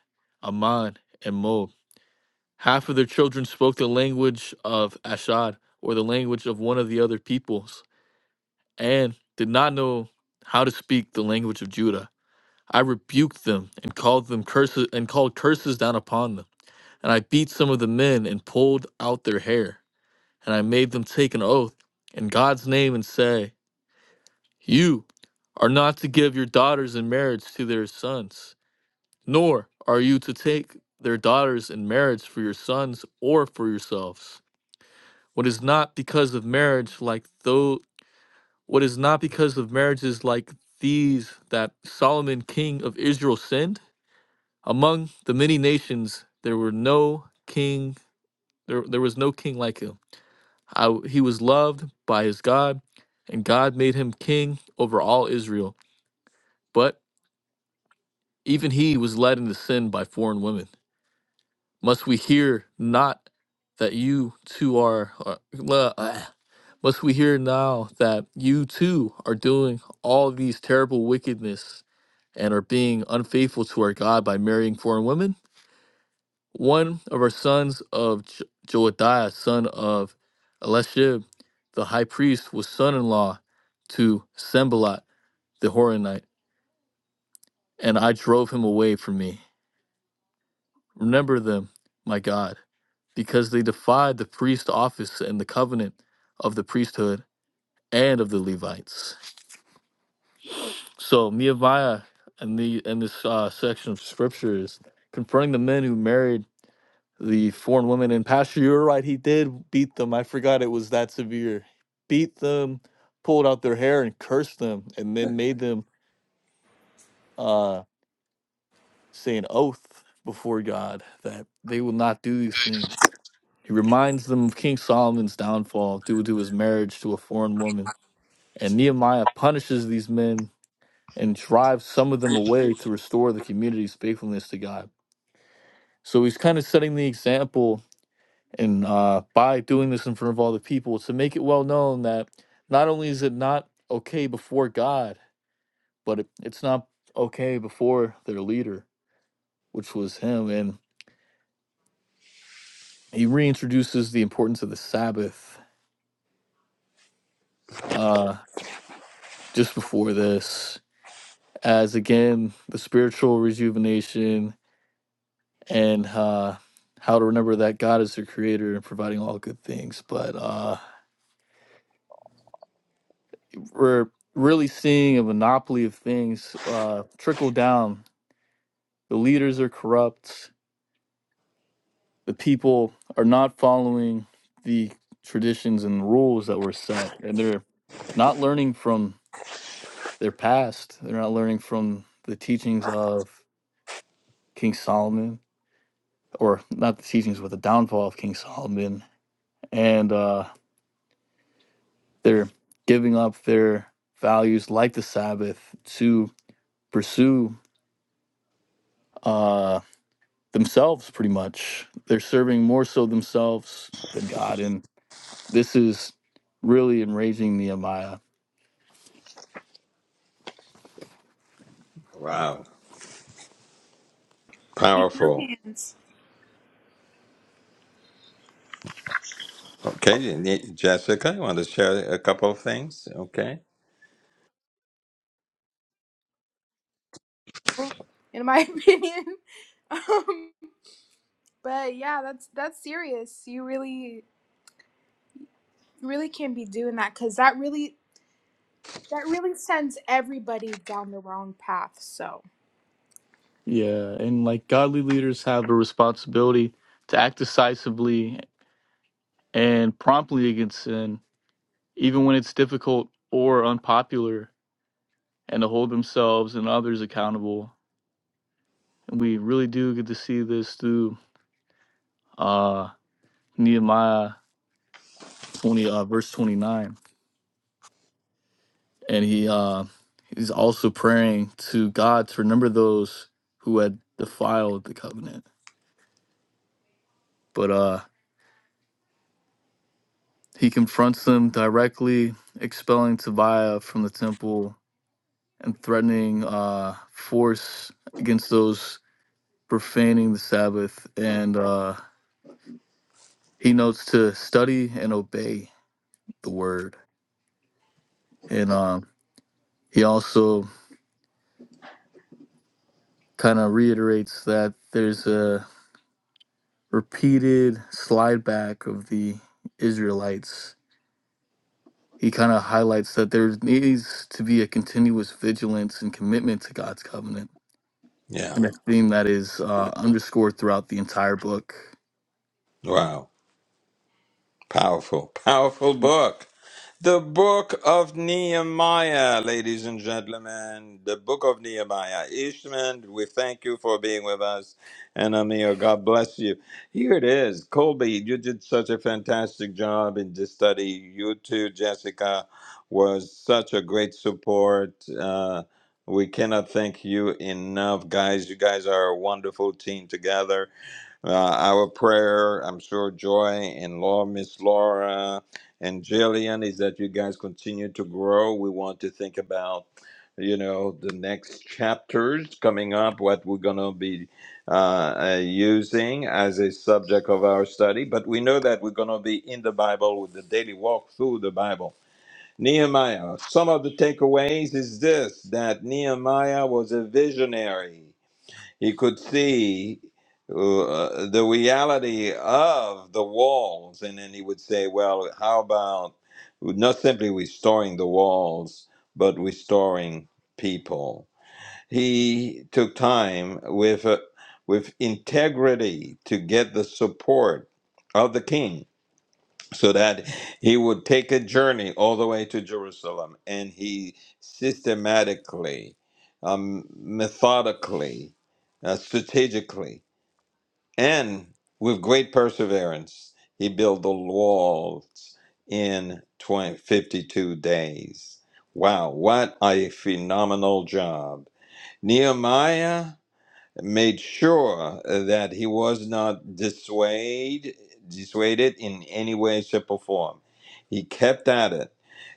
Ammon, and Moab. Half of their children spoke the language of Ashdod or the language of one of the other peoples, and did not know how to speak the language of Judah. I rebuked them and called them curses and called curses down upon them. And I beat some of the men and pulled out their hair. And I made them take an oath in God's name and say, You are not to give your daughters in marriage to their sons, nor are you to take their daughters in marriage for your sons or for yourselves. What is not because of marriage like though what is not because of marriages like these that Solomon king of Israel sinned? Among the many nations there were no king there, there was no king like him. I, he was loved by his God, and God made him king over all Israel. But. Even he was led into sin by foreign women. Must we hear not that you too are, are le- ah. must we hear now that you too are doing all these terrible wickedness and are being unfaithful to our God by marrying foreign women? One of our sons of Jo- Joadiah, son of Elishib, the high priest, was son in law to Sembalat the Horonite, and I drove him away from me. Remember them, my God because they defied the priest office and the covenant of the priesthood and of the Levites. So Nehemiah in the in this uh, section of scripture is confronting the men who married the foreign women. And Pastor, you're right; he did beat them. I forgot it was that severe. Beat them, pulled out their hair, and cursed them, and then made them uh, say an oath before God that they will not do these things. He reminds them of King Solomon's downfall due to his marriage to a foreign woman And Nehemiah punishes these men and drives some of them away to restore the community's faithfulness to God. So he's kind of setting the example, and uh, by doing this in front of all the people, to make it well known that not only is it not okay before God, but it, it's not okay before their leader, which was him. And he reintroduces the importance of the Sabbath uh, just before this, as again, the spiritual rejuvenation and uh, how to remember that God is the creator and providing all good things. But uh, we're really seeing a monopoly of things uh, trickle down. The leaders are corrupt. The people are not following the traditions and rules that were set, and they're not learning from their past. They're not learning from the teachings of King Solomon, or not the teachings, but the downfall of King Solomon. And uh, They're giving up their values like the Sabbath to pursue uh, themselves, pretty much. They're serving more so themselves than God. And this is really enraging Nehemiah.
Wow, powerful. Okay, and y- Jessica, you want to share a couple of things? Okay,
in my opinion. Um, but yeah, that's that's serious. You really really can't be doing that because that really that really sends everybody down the wrong path. So
Yeah. And like godly leaders have a responsibility to act decisively and promptly against sin, even when it's difficult or unpopular, and to hold themselves and others accountable. And we really do get to see this through. uh, Nehemiah 20, uh, verse 29. And he uh, he's also praying to God to remember those who had defiled the covenant. But uh, he confronts them directly, expelling Tobiah from the temple and threatening uh, force against those profaning the Sabbath. And uh, he notes to study and obey the word. And um, he also kind of reiterates that there's a repeated slide back of the Israelites, he kind of highlights that there needs to be a continuous vigilance and commitment to God's covenant.
yeah.
And a theme that is uh, underscored throughout the entire book.
Wow, powerful, powerful book. The book of Nehemiah, ladies and gentlemen, the book of Nehemiah. Ishman, we thank you for being with us. And Amir, God bless you. Here it is. Colby, you did such a fantastic job in this study. You too, Jessica, was such a great support. Uh, we cannot thank you enough, guys. You guys are a wonderful team together uh, our prayer. I'm sure Joy and Laura, Miss Laura and Jillian is that you guys continue to grow. We want to think about, you know, the next chapters coming up, what we're going to be uh, uh, using as a subject of our study. But we know that we're going to be in the Bible with the daily walk through the Bible. Nehemiah, some of the takeaways is this that Nehemiah was a visionary. He could see uh, the reality of the walls, and then he would say, "Well, how about not simply restoring the walls, but restoring people?" He took time with uh, with integrity to get the support of the king so that he would take a journey all the way to Jerusalem. And he systematically, um, methodically, uh, strategically, and with great perseverance, he built the walls in 20 52 days. Wow, what a phenomenal job. Nehemiah made sure that he was not dissuaded, dissuaded in any way, shape, or form. He kept at it.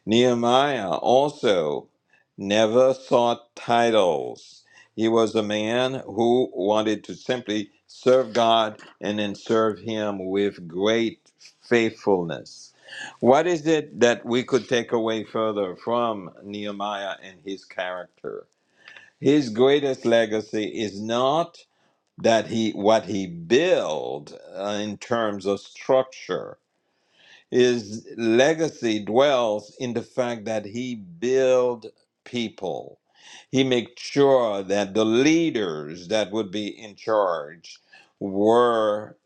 Nehemiah also never sought titles. He was a man who wanted to simply serve God and then serve Him with great faithfulness. What is it that we could take away further from Nehemiah and his character? His greatest legacy is not that he what he build uh, in terms of structure his legacy dwells in the fact that he build people he make sure that the leaders that would be in charge were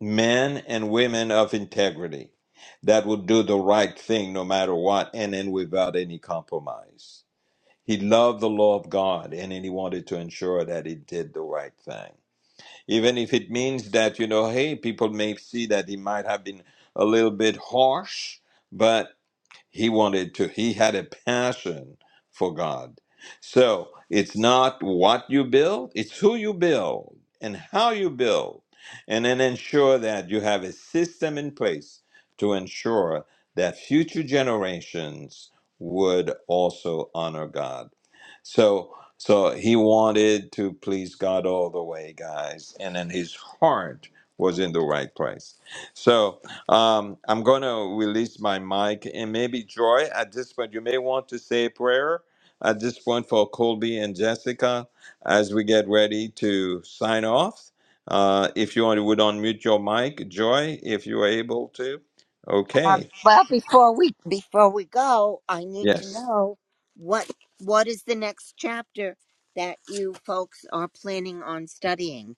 men and women of integrity that would do the right thing no matter what and then without any compromise he loved the law of god and then he wanted to ensure that he did the right thing even if it means that you know hey people may see that he might have been a little bit harsh but. He wanted to, he had a passion for God. So it's not what you build, it's who you build and how you build. And then ensure that you have a system in place to ensure that future generations would also honor God. So so he wanted to please God all the way, guys, and then his heart was in the right place. So um, I'm going to release my mic and maybe Joy at this point, you may want to say a prayer at this point for Colby and Jessica as we get ready to sign off. Uh, if you want- would unmute your mic, Joy, if you are able to.
Um,
Okay.
well, before we before we go, I need to
Yes.
know what what is the next chapter that you folks are planning on studying.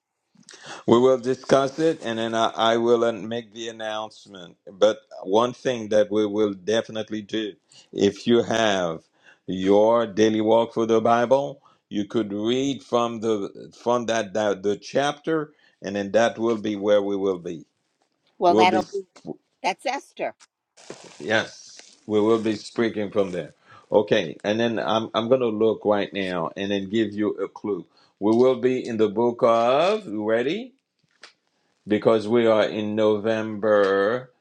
We will discuss it and then I, I will an- make the announcement. But one thing that we will definitely do if you have your daily walk for the Bible, you could read from the from that, that the chapter and then that will be where we will be.
Well,
We'll be
that'll be that's Esther.
yes, we will be speaking from there. Okay, and then I'm I'm going to look right now and then give you a clue. We will be in the book of, you ready? because we are in November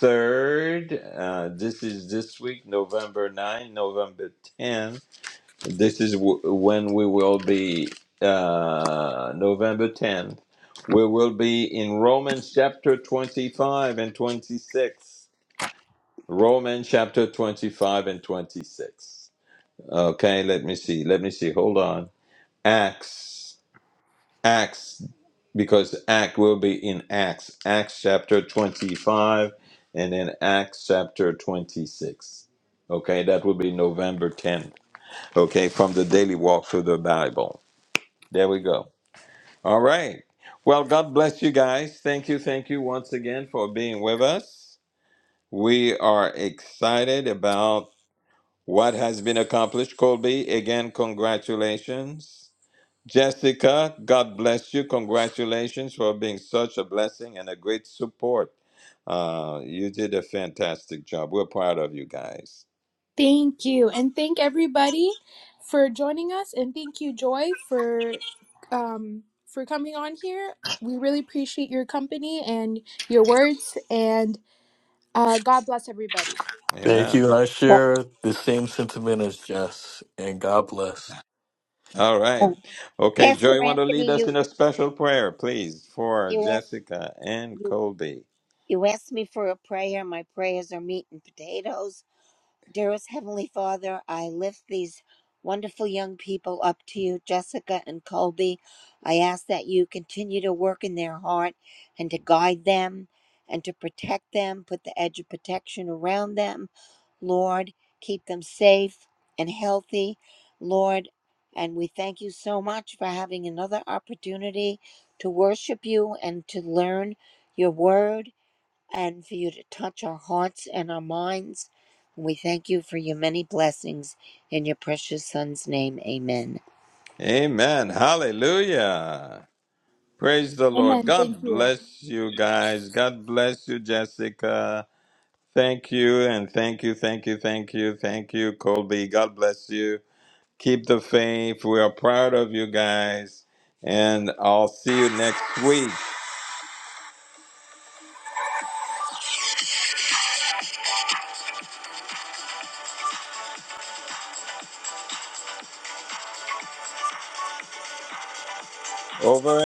3rd. Uh, this is this week, November 9, November 10. This is w- when we will be, uh, November 10th. We will be in Romans chapter 25 and 26. Romans chapter 25 and 26. Okay, let me see. Let me see. Hold on. Acts. Acts, because Act will be in Acts, Acts chapter 25, and then Acts chapter 26. Okay, that will be November 10th. Okay, from the daily walk through the Bible. There we go. All right. Well, God bless you guys. Thank you, thank you once again for being with us. We are excited about what has been accomplished. Colby, again, congratulations. Jessica, God bless you. Congratulations for being such a blessing and a great support. Uh, you did a fantastic job. We're proud of you guys.
Thank you. And thank everybody for joining us. And thank you, Joy, for um for coming on here. We really appreciate your company and your words and uh God bless everybody.
Thank
Amen.
you. I
Well,
share the same sentiment as Jess, and God bless.
All right.
uh,
Okay, Joy,
Pastor
you want to lead
Anthony,
us in
you
a special prayer, please, for
you asked.
Jessica and Colby.
You asked me for a prayer. My prayers are meat and potatoes. Dearest Heavenly Father, I lift these wonderful young people up to you, Jessica and Colby. I ask that you continue to work in their heart and to guide them and to protect them, put the edge of protection around them. Lord, keep them safe and healthy. Lord, and we thank you so much for having another opportunity to worship you and to learn your word and for you to touch our hearts and our minds. We thank you for your many blessings in your precious Son's name. Amen.
Amen. Hallelujah. Praise the Lord.
Amen. Thank
God
you.
bless you guys. God bless you, Jessica. Thank you, and thank you, thank you, thank you, thank you, Colby. God bless you. Keep the faith. We are proud of you guys. And I'll see you next week. Over.